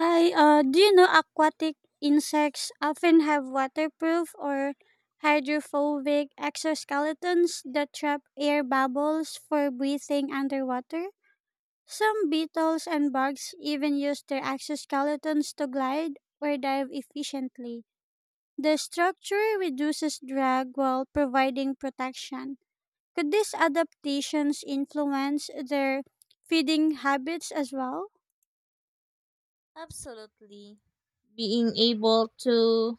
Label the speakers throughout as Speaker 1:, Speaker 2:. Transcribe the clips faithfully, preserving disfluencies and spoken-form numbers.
Speaker 1: Hi, uh, do you know aquatic insects often have waterproof or hydrophobic exoskeletons that trap air bubbles for breathing underwater? Some beetles and bugs even use their exoskeletons to glide or dive efficiently. The structure reduces drag while providing protection. Could these adaptations influence their feeding habits as well?
Speaker 2: Absolutely. Being able to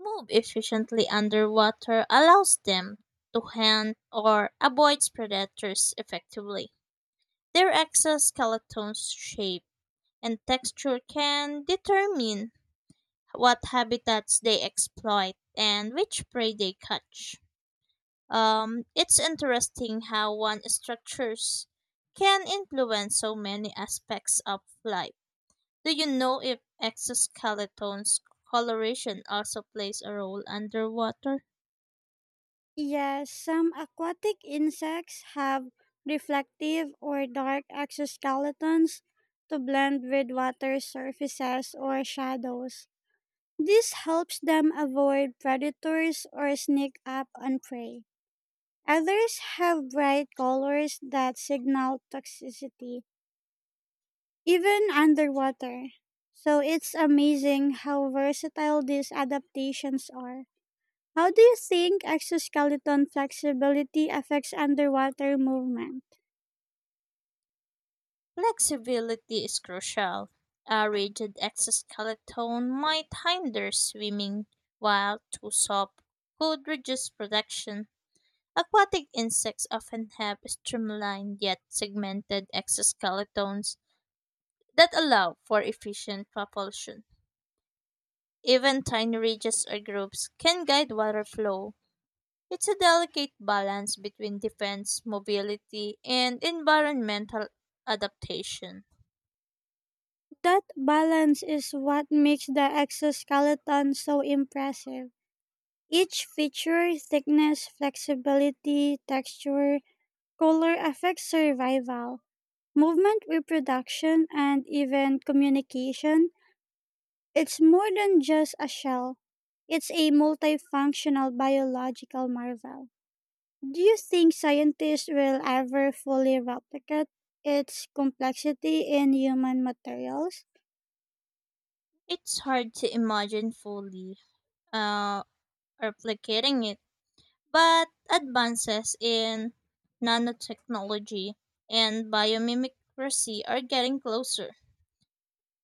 Speaker 2: move efficiently underwater allows them to hunt or avoid predators effectively. Their exoskeleton's shape and texture can determine what habitats they exploit and which prey they catch. Um, it's interesting how one structures can influence so many aspects of life. Do you know if exoskeleton's coloration also plays a role underwater?
Speaker 1: Yes, some aquatic insects have reflective or dark exoskeletons to blend with water surfaces or shadows. This helps them avoid predators or sneak up on prey. Others have bright colors that signal toxicity, even underwater. So it's amazing how versatile these adaptations are. How do you think exoskeleton flexibility affects underwater movement?
Speaker 2: Flexibility is crucial. A rigid exoskeleton might hinder swimming, while too soft could reduce protection. Aquatic insects often have streamlined yet segmented exoskeletons that allow for efficient propulsion. Even tiny ridges or groups can guide water flow. It's a delicate balance between defense mobility and environmental adaptation.
Speaker 1: That balance is what makes the exoskeleton so impressive. Each feature, thickness, flexibility, texture, color affects survival, movement reproduction, and even communication. It's more than just a shell, it's a multifunctional biological marvel. Do you think scientists will ever fully replicate its complexity in human materials?
Speaker 2: It's hard to imagine fully uh, replicating it, but advances in nanotechnology and biomimicry are getting closer.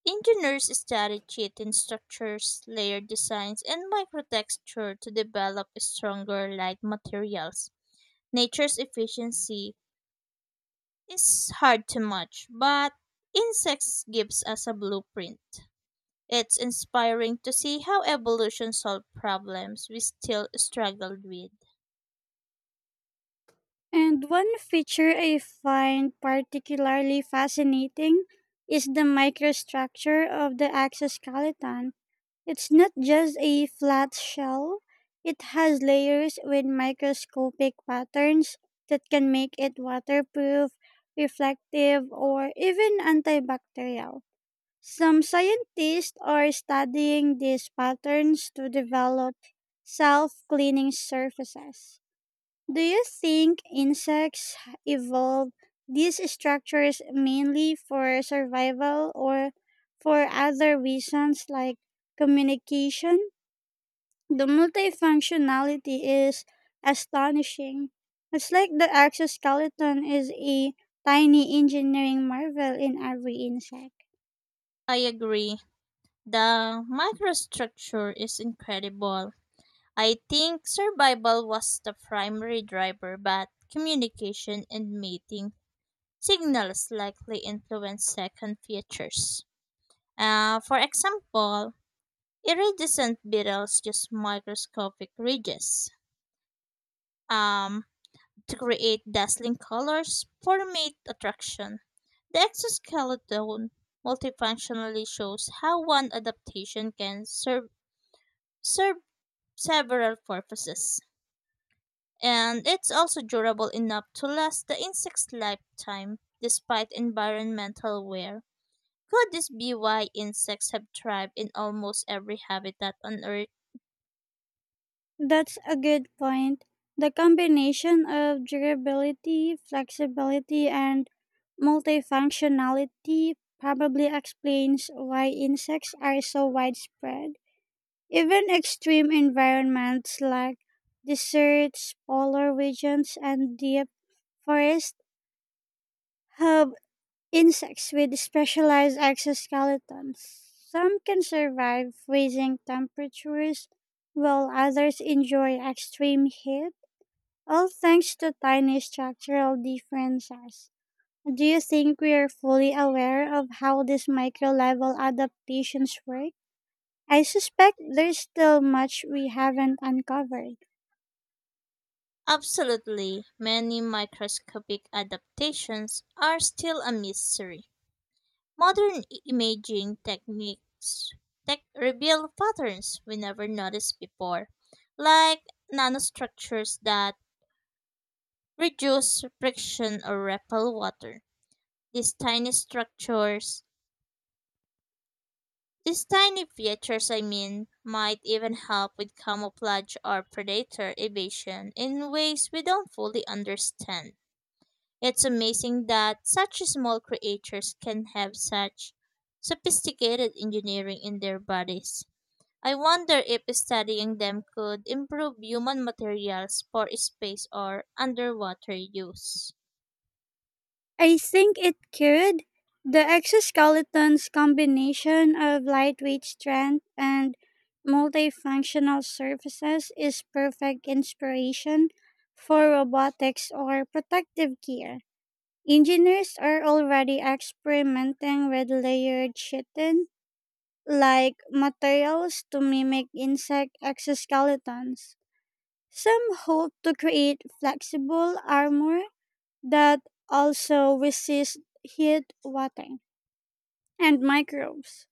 Speaker 2: Engineers study chitin structures, layer designs, and microtexture to develop stronger light materials. Nature's efficiency is hard to match, but insects gives us a blueprint. It's inspiring to see how evolution solved problems we still struggled with.
Speaker 1: And one feature I find particularly fascinating is the microstructure of the exoskeleton. It's not just a flat shell, it has layers with microscopic patterns that can make it waterproof, reflective, or even antibacterial. Some scientists are studying these patterns to develop self cleaning surfaces. Do you think insects evolved these structures mainly for survival or for other reasons like communication? The multifunctionality is astonishing. It's like the exoskeleton is a tiny engineering marvel in every insect.
Speaker 2: I agree. The microstructure is incredible. I think survival was the primary driver, but communication and mating signals likely influence second features. Uh, for example, iridescent beetles use microscopic ridges um, to create dazzling colors for mate attraction. The exoskeleton multifunctionally shows how one adaptation can serve, serve several purposes. And it's also durable enough to last the insect's lifetime despite environmental wear. Could this be why insects have thrived in almost every habitat on Earth?
Speaker 1: That's a good point. The combination of durability, flexibility, and multifunctionality probably explains why insects are so widespread. Even extreme environments like deserts, polar regions, and deep forests have insects with specialized exoskeletons. Some can survive freezing temperatures, while others enjoy extreme heat all thanks to tiny structural differences. Do you think we are fully aware of how these micro level adaptations work? I suspect there's still much we haven't uncovered.
Speaker 2: Absolutely, many microscopic adaptations are still a mystery. Modern imaging techniques tech reveal patterns we never noticed before, like nanostructures that reduce friction or repel water. These tiny structures These tiny features, I mean, might even help with camouflage or predator evasion in ways we don't fully understand. It's amazing that such small creatures can have such sophisticated engineering in their bodies. I wonder if studying them could improve human materials for space or underwater use.
Speaker 1: I think it could. The exoskeleton's combination of lightweight strength and multifunctional surfaces is perfect inspiration for robotics or protective gear. Engineers are already experimenting with layered chitin like materials to mimic insect exoskeletons. Some hope to create flexible armor that also resists heat, water, and microbes.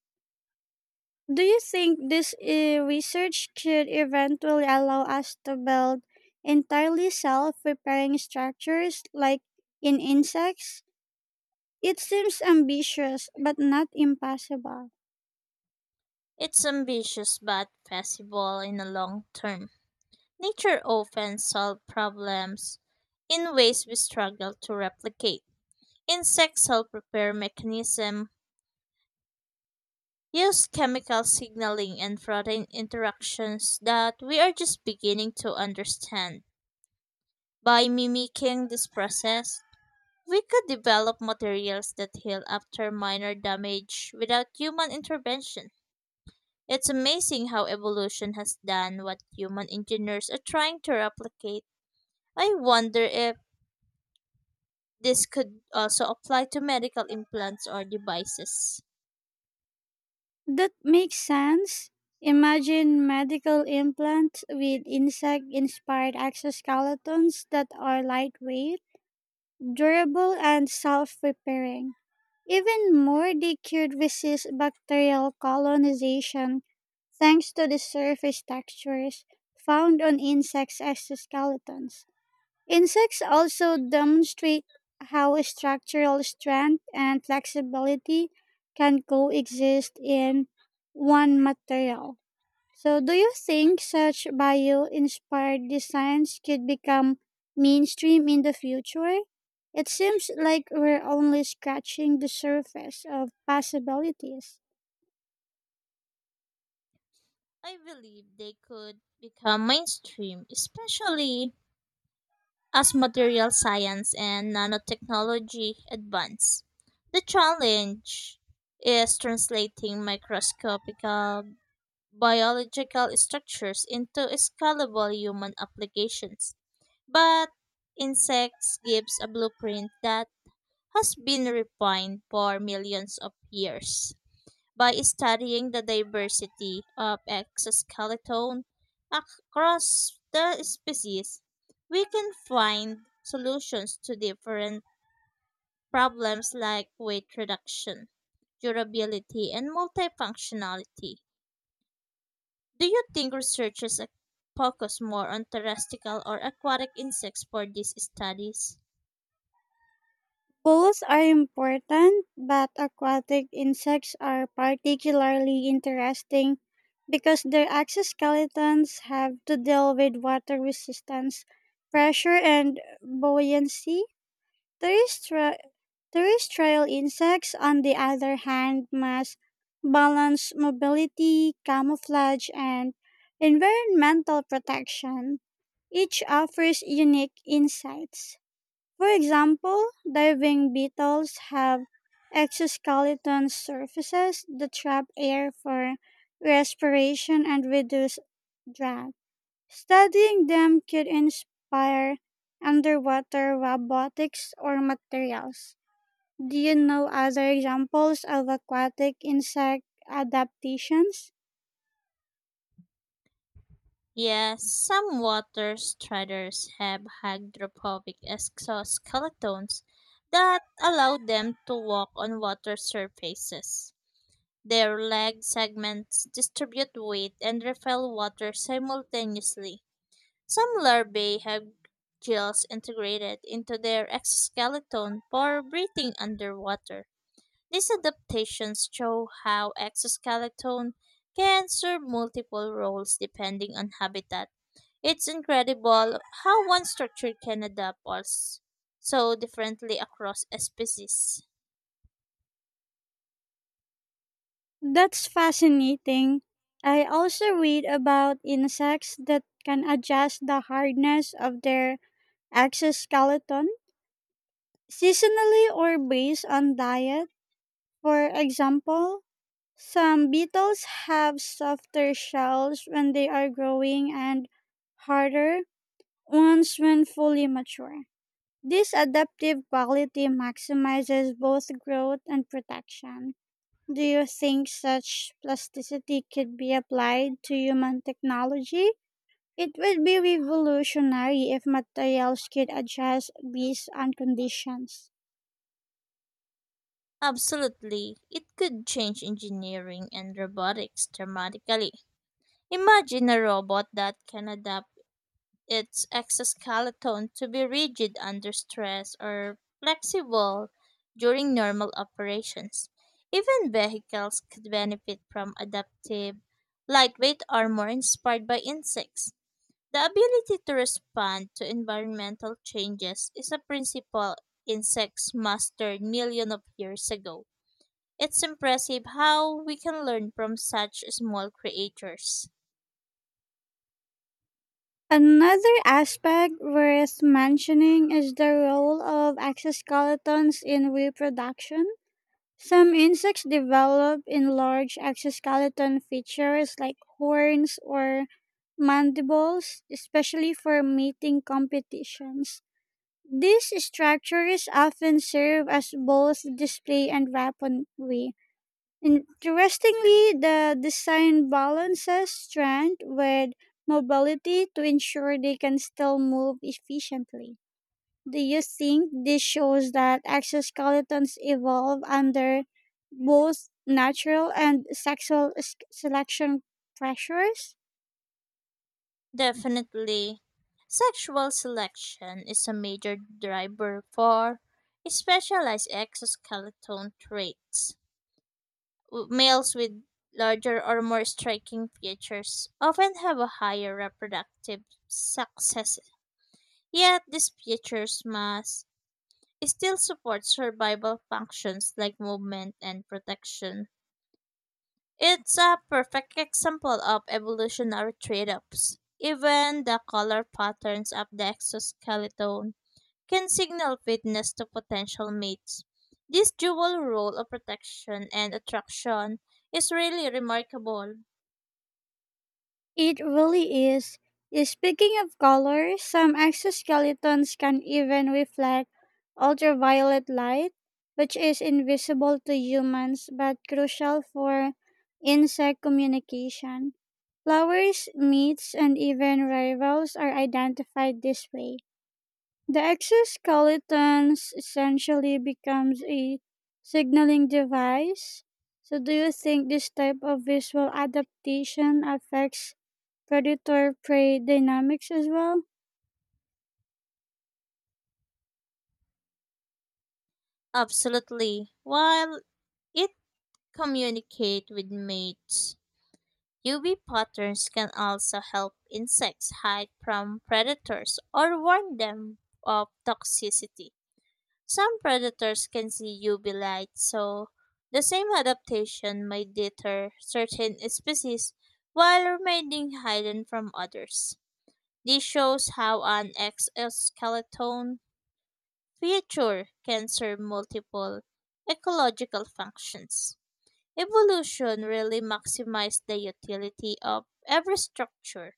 Speaker 1: Do you think this uh, research could eventually allow us to build entirely self repairing structures like in insects? It seems ambitious, but not impossible.
Speaker 2: It's ambitious but feasible in the long term. Nature often solves problems in ways we struggle to replicate. Insects help repair mechanism, use chemical signaling and protein interactions that we are just beginning to understand. By mimicking this process, we could develop materials that heal after minor damage without human intervention. It's amazing how evolution has done what human engineers are trying to replicate. I wonder if this could also apply to medical implants or devices.
Speaker 1: That makes sense. Imagine medical implants with insect inspired exoskeletons that are lightweight, durable, and self repairing. Even more, they could resist bacterial colonization thanks to the surface textures found on insects' exoskeletons. Insects also demonstrate how structural strength and flexibility can coexist in one material. So, do you think such bio inspired designs could become mainstream in the future? It seems like we're only scratching the surface of possibilities.
Speaker 2: I believe they could become mainstream, especially as material science and nanotechnology advance. The challenge is translating microscopical biological structures into scalable human applications. But insects gives a blueprint that has been refined for millions of years. By studying the diversity of exoskeleton across the species, we can find solutions to different problems like weight reduction, durability, and multifunctionality. Do you think researchers ac- focus more on terrestrial or aquatic insects for these studies?
Speaker 1: Bowls are important, but aquatic insects are particularly interesting because their exoskeletons have to deal with water resistance, pressure, and buoyancy. Terrestri- terrestrial insects, on the other hand, must balance mobility, camouflage, and environmental protection. Each offers unique insights. For example, diving beetles have exoskeleton surfaces that trap air for respiration and reduce drag. Studying them could inspire underwater robotics or materials. Do you know other examples of aquatic insect adaptations?
Speaker 2: Yes, some water striders have hydrophobic exoskeletons that allow them to walk on water surfaces. Their leg segments distribute weight and repel water simultaneously. Some larvae have gills integrated into their exoskeleton for breathing underwater. These adaptations show how exoskeleton can serve multiple roles depending on habitat. It's incredible how one structure can adapt us so differently across species.
Speaker 1: That's fascinating. I also read about insects that can adjust the hardness of their exoskeleton seasonally or based on diet. For example, some beetles have softer shells when they are growing and harder ones when fully mature. This adaptive quality maximizes both growth and protection. Do you think such plasticity could be applied to human technology? It would be revolutionary if materials could adjust based on conditions.
Speaker 2: Absolutely, it could change engineering and robotics dramatically. Imagine a robot that can adapt its exoskeleton to be rigid under stress or flexible during normal operations. Even vehicles could benefit from adaptive, lightweight armor inspired by insects. The ability to respond to environmental changes is a principle insects mastered millions of years ago. It's impressive how we can learn from such small creatures.
Speaker 1: Another aspect worth mentioning is the role of exoskeletons in reproduction. Some insects develop enlarged exoskeleton features like horns or mandibles, especially for mating competitions. These structures often serve as both display and weaponry. Interestingly, the design balances strength with mobility to ensure they can still move efficiently. Do you think this shows that exoskeletons evolve under both natural and sexual s- selection pressures?
Speaker 2: Definitely, sexual selection is a major driver for specialized exoskeleton traits. W- Males with larger or more striking features often have a higher reproductive success. Yet these features must still support survival functions like movement and protection. It's a perfect example of evolutionary trade-offs. Even the color patterns of the exoskeleton can signal fitness to potential mates. This dual role of protection and attraction is really remarkable.
Speaker 1: It really is. Eh, Speaking of color, some exoskeletons can even reflect ultraviolet light, which is invisible to humans but crucial for insect communication. Flowers, meats, and even rivals are identified this way. The exoskeletons essentially becomes a signaling device. So do you think this type of visual adaptation affects predator prey dynamics as well.
Speaker 2: Absolutely. While it communicates with mates, U V patterns can also help insects hide from predators or warn them of toxicity. Some predators can see U V light, so the same adaptation may deter certain species while remaining hidden from others. This shows how an exoskeleton feature can serve multiple ecological functions. Evolution really maximized the utility of every structure.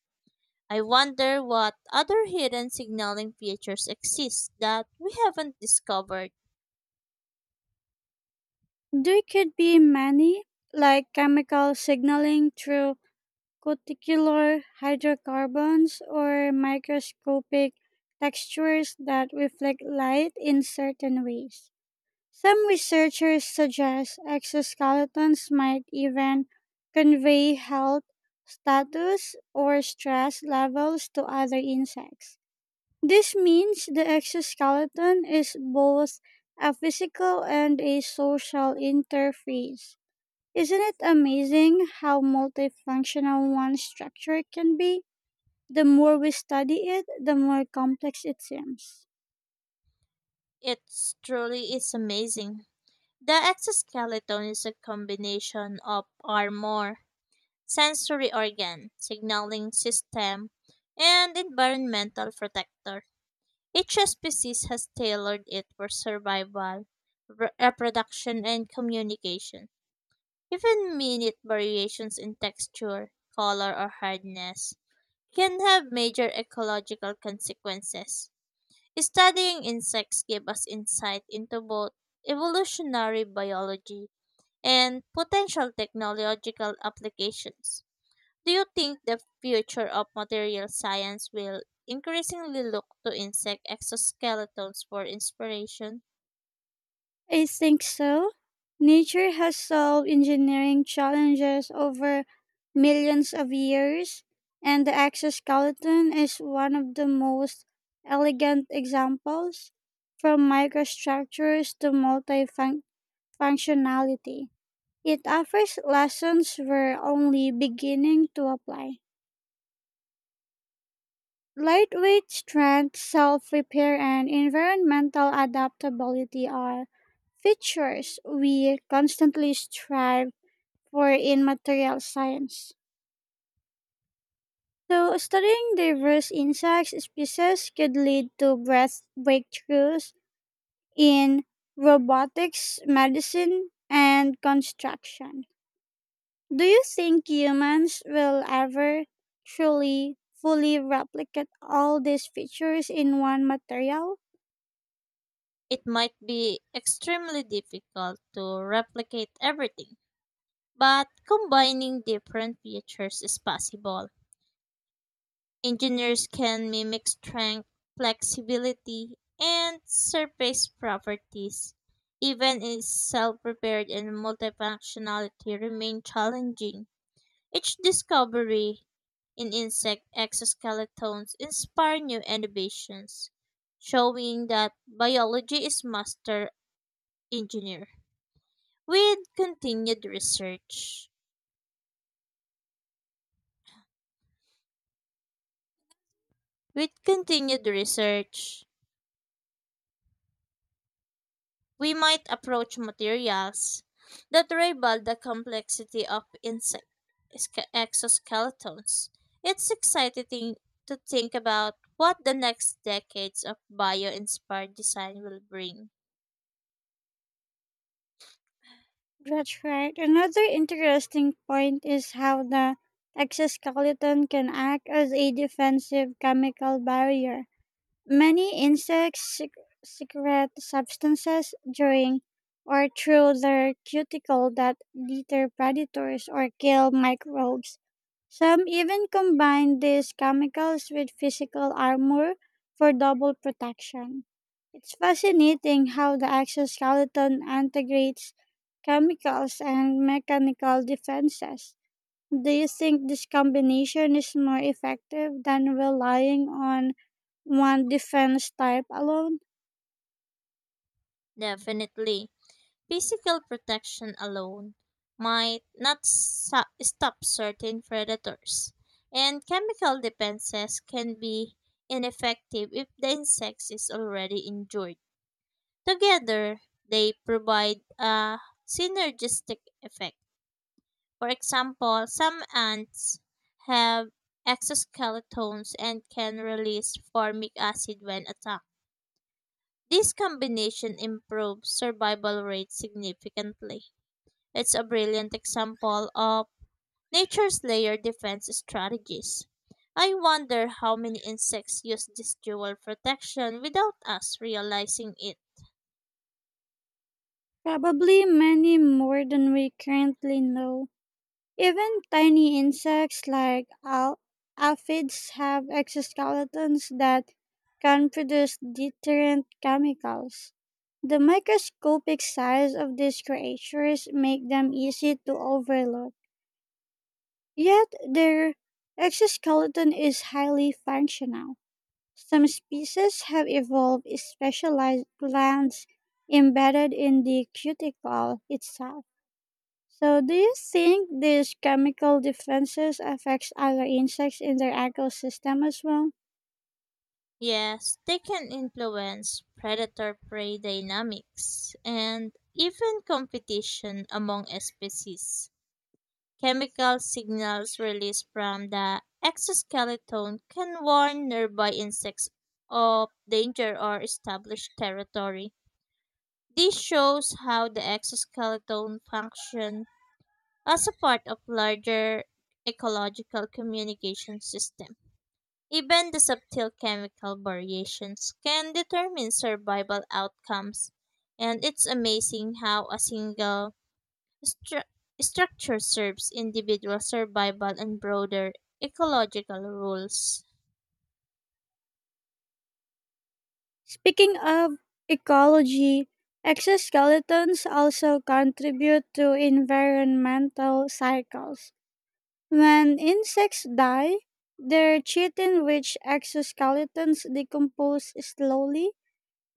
Speaker 2: I wonder what other hidden signaling features exist that we haven't discovered.
Speaker 1: There could be many, like chemical signaling through cuticular hydrocarbons or microscopic textures that reflect light in certain ways. Some researchers suggest exoskeletons might even convey health status or stress levels to other insects. This means the exoskeleton is both a physical and a social interface. Isn't it amazing how multifunctional one structure can be? The more we study it, the more complex it seems.
Speaker 2: It truly is amazing. The exoskeleton is a combination of armor, sensory organ, signaling system, and environmental protector. Each species has tailored it for survival, re- reproduction, and communication. Even minute variations in texture, color, or hardness can have major ecological consequences. Studying insects gives us insight into both evolutionary biology and potential technological applications. Do you think the future of material science will increasingly look to insect exoskeletons for inspiration?
Speaker 1: I think so. Nature has solved engineering challenges over millions of years, and the exoskeleton is one of the most elegant examples. From microstructures to multifunctionality, it offers lessons we're only beginning to apply. Lightweight strength, self repair, and environmental adaptability are features we constantly strive for in material science. So, studying diverse insect species could lead to breath breakthroughs in robotics, medicine, and construction. Do you think humans will ever truly, fully replicate all these features in one material?
Speaker 2: It might be extremely difficult to replicate everything. But combining different features is possible. Engineers can mimic strength, flexibility, and surface properties. Even in self-repaired and multifunctionality remain challenging. Each discovery in insect exoskeletons inspire new innovations, showing that biology is master engineer. With continued research. With continued research, we might approach materials that rival the complexity of insect exca- exoskeletons. It's exciting to think about what the next decades of bio inspired design will bring.
Speaker 1: That's right. Another interesting point is how the exoskeleton can act as a defensive chemical barrier. Many insects sec- secrete substances during or through their cuticle that deter predators or kill microbes. Some even combine these chemicals with physical armor for double protection. It's fascinating how the exoskeleton integrates chemicals and mechanical defenses. Do you think this combination is more effective than relying on one defense type alone?
Speaker 2: Definitely, physical protection alone might not sa- stop certain predators, and chemical defenses can be ineffective if the insect is already injured. Together, they provide a synergistic effect. For example, some ants have exoskeletons and can release formic acid when attacked. This combination improves survival rates significantly. It's a brilliant example of nature's layered defense strategies. I wonder how many insects use this dual protection without us realizing it.
Speaker 1: Probably many more than we currently know. Even tiny insects like al- aphids have exoskeletons that can produce deterrent chemicals. The microscopic size of these creatures make them easy to overlook. Yet their exoskeleton is highly functional. Some species have evolved specialized glands embedded in the cuticle itself. So, do you think these chemical defenses affects other insects in their ecosystem as well?
Speaker 2: Yes, they can influence predator prey dynamics and even competition among species. Chemical signals released from the exoskeleton can warn nearby insects of danger or establish territory. This shows how the exoskeleton functions as a part of larger ecological communication system. Even the subtle chemical variations can determine survival outcomes, and it's amazing how a single stru- structure serves individual survival and broader ecological rules.
Speaker 1: Speaking of ecology, exoskeletons also contribute to environmental cycles. When insects die, their chitin-rich exoskeletons decompose slowly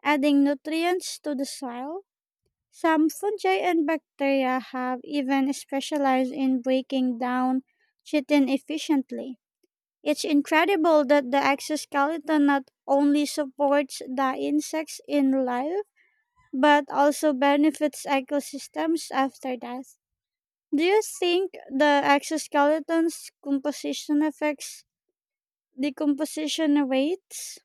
Speaker 1: adding nutrients to the soil. Some fungi and bacteria have even specialized in breaking down chitin efficiently. It's incredible that the exoskeleton not only supports the insects in life, but also benefits ecosystems after death. Do you think the exoskeleton's composition affects decomposition rates?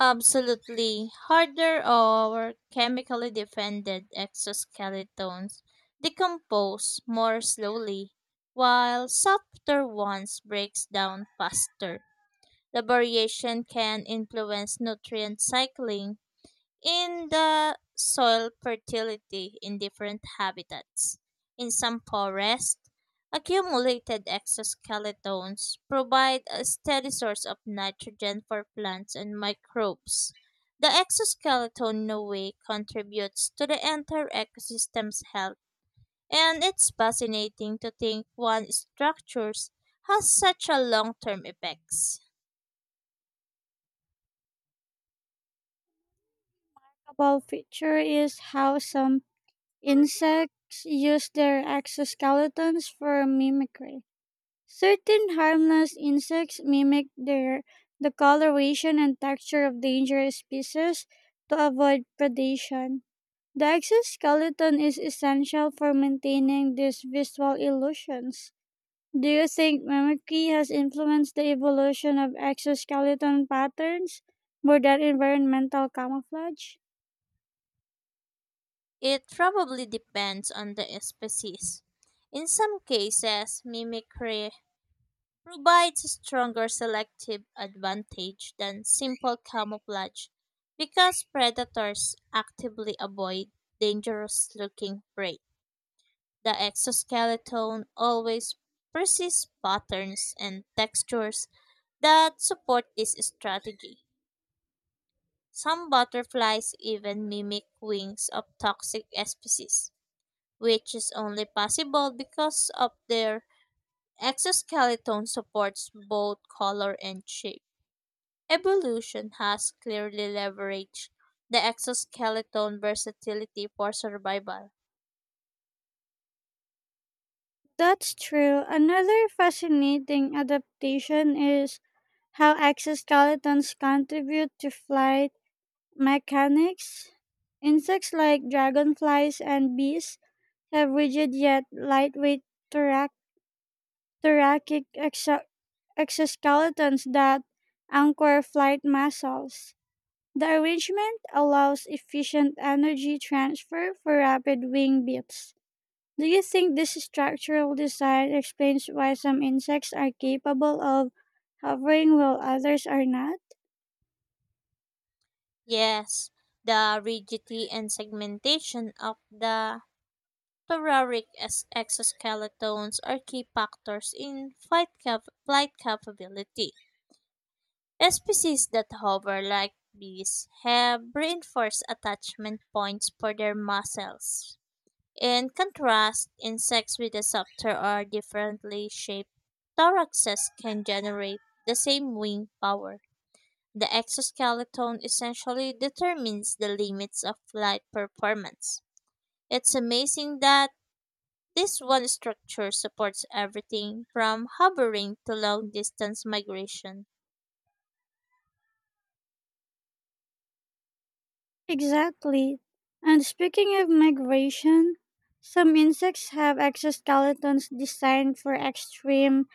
Speaker 2: Absolutely. Harder or chemically defended exoskeletons decompose more slowly, while softer ones breaks down faster. The variation can influence nutrient cycling in the soil fertility in different habitats. In some forests, accumulated exoskeletons provide a steady source of nitrogen for plants and microbes. The exoskeleton in a way contributes to the entire ecosystem's health, and it's fascinating to think one structures has such a long-term effects.
Speaker 1: A feature is how some insects use their exoskeletons for mimicry. Certain harmless insects mimic their the coloration and texture of dangerous species to avoid predation. The exoskeleton is essential for maintaining these visual illusions. Do you think mimicry has influenced the evolution of exoskeleton patterns more than environmental camouflage?
Speaker 2: It probably depends on the species. In some cases, mimicry provides a stronger selective advantage than simple camouflage because predators actively avoid dangerous looking prey. The exoskeleton always persists patterns and textures that support this strategy. Some butterflies even mimic wings of toxic species which is only possible because of their exoskeleton supports both color and shape. Evolution has clearly leveraged the exoskeleton versatility for survival.
Speaker 1: That's true. Another fascinating adaptation is how exoskeletons contribute to flight mechanics. Insects like dragonflies and bees have rigid yet lightweight thorac- thoracic exo- exoskeletons that anchor flight muscles. The arrangement allows efficient energy transfer for rapid wing beats. Do you think this structural design explains why some insects are capable of hovering while others are not?
Speaker 2: Yes, the rigidity and segmentation of the thoracic es- exoskeletons are key factors in flight, cap- flight capability. Species that hover like bees have reinforced attachment points for their muscles. In contrast, insects with a softer or differently shaped thoraxes can generate the same wing power. The exoskeleton essentially determines the limits of flight performance. It's amazing that this one structure supports everything from hovering to long distance migration.
Speaker 1: Exactly. And speaking of migration, some insects have exoskeletons designed for extreme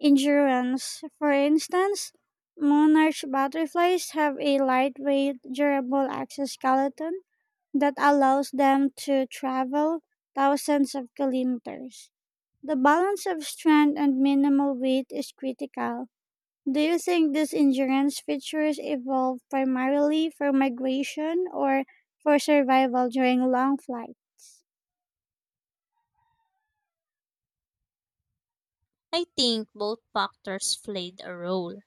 Speaker 1: endurance. For instance, monarch butterflies have a lightweight, durable exoskeleton that allows them to travel thousands of kilometers. The balance of strength and minimal weight is critical. Do you think these endurance features evolved primarily for migration or for survival during long flight?
Speaker 2: I think both factors played a role.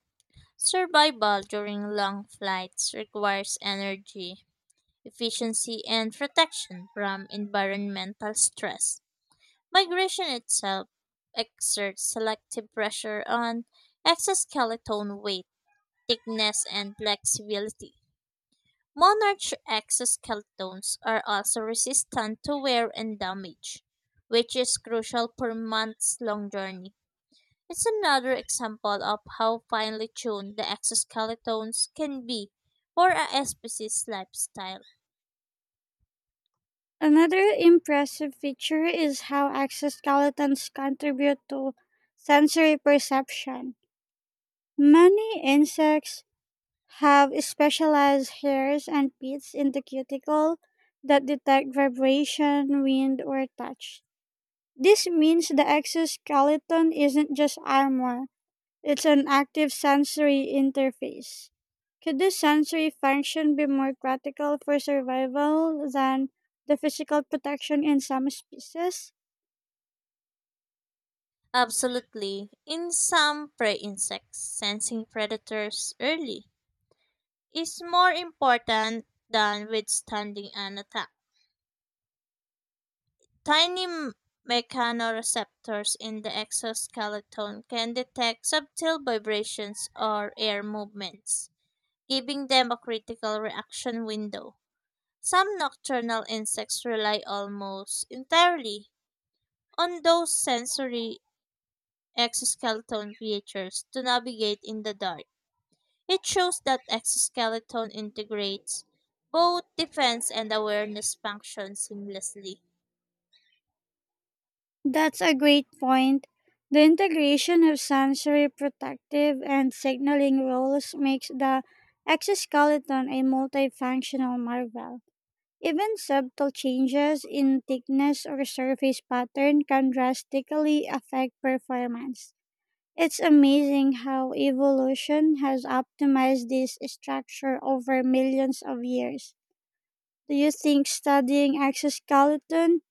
Speaker 2: Survival during long flights requires energy, efficiency, and protection from environmental stress. Migration itself exerts selective pressure on exoskeleton weight, thickness, and flexibility. Monarch exoskeletons are also resistant to wear and damage, which is crucial for months long journey. It's another example of how finely tuned the exoskeletons can be for a species' lifestyle.
Speaker 1: Another impressive feature is how exoskeletons contribute to sensory perception. Many insects have specialized hairs and pits in the cuticle that detect vibration, wind, or touch. This means the exoskeleton isn't just armor, it's an active sensory interface. Could this sensory function be more critical for survival than the physical protection in some species?
Speaker 2: Absolutely. In some prey insects, sensing predators early is more important than withstanding an attack. Tiny m- mechanoreceptors in the exoskeleton can detect subtle vibrations or air movements, giving them a critical reaction window. Some nocturnal insects rely almost entirely on those sensory exoskeleton features to navigate in the dark. It shows that exoskeleton integrates both defense and awareness functions seamlessly.
Speaker 1: That's a great point. The integration of sensory protective and signaling roles makes the exoskeleton a multifunctional marvel. Even subtle changes in thickness or surface pattern can drastically affect performance. It's amazing how evolution has optimized this structure over millions of years. Do you think studying exoskeleton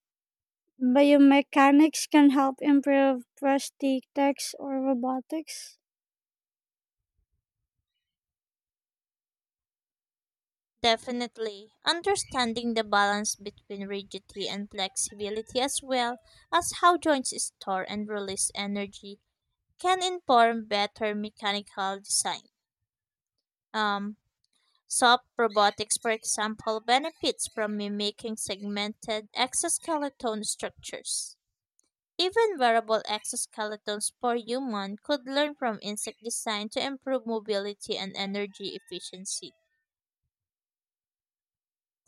Speaker 1: biomechanics can help improve prosthetics or robotics?
Speaker 2: Definitely, understanding the balance between rigidity and flexibility as well as how joints store and release energy can inform better mechanical design. Um, Soft robotics, for example, benefits from mimicking segmented exoskeleton structures. Even wearable exoskeletons for human could learn from insect design to improve mobility and energy efficiency.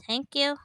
Speaker 2: Thank you.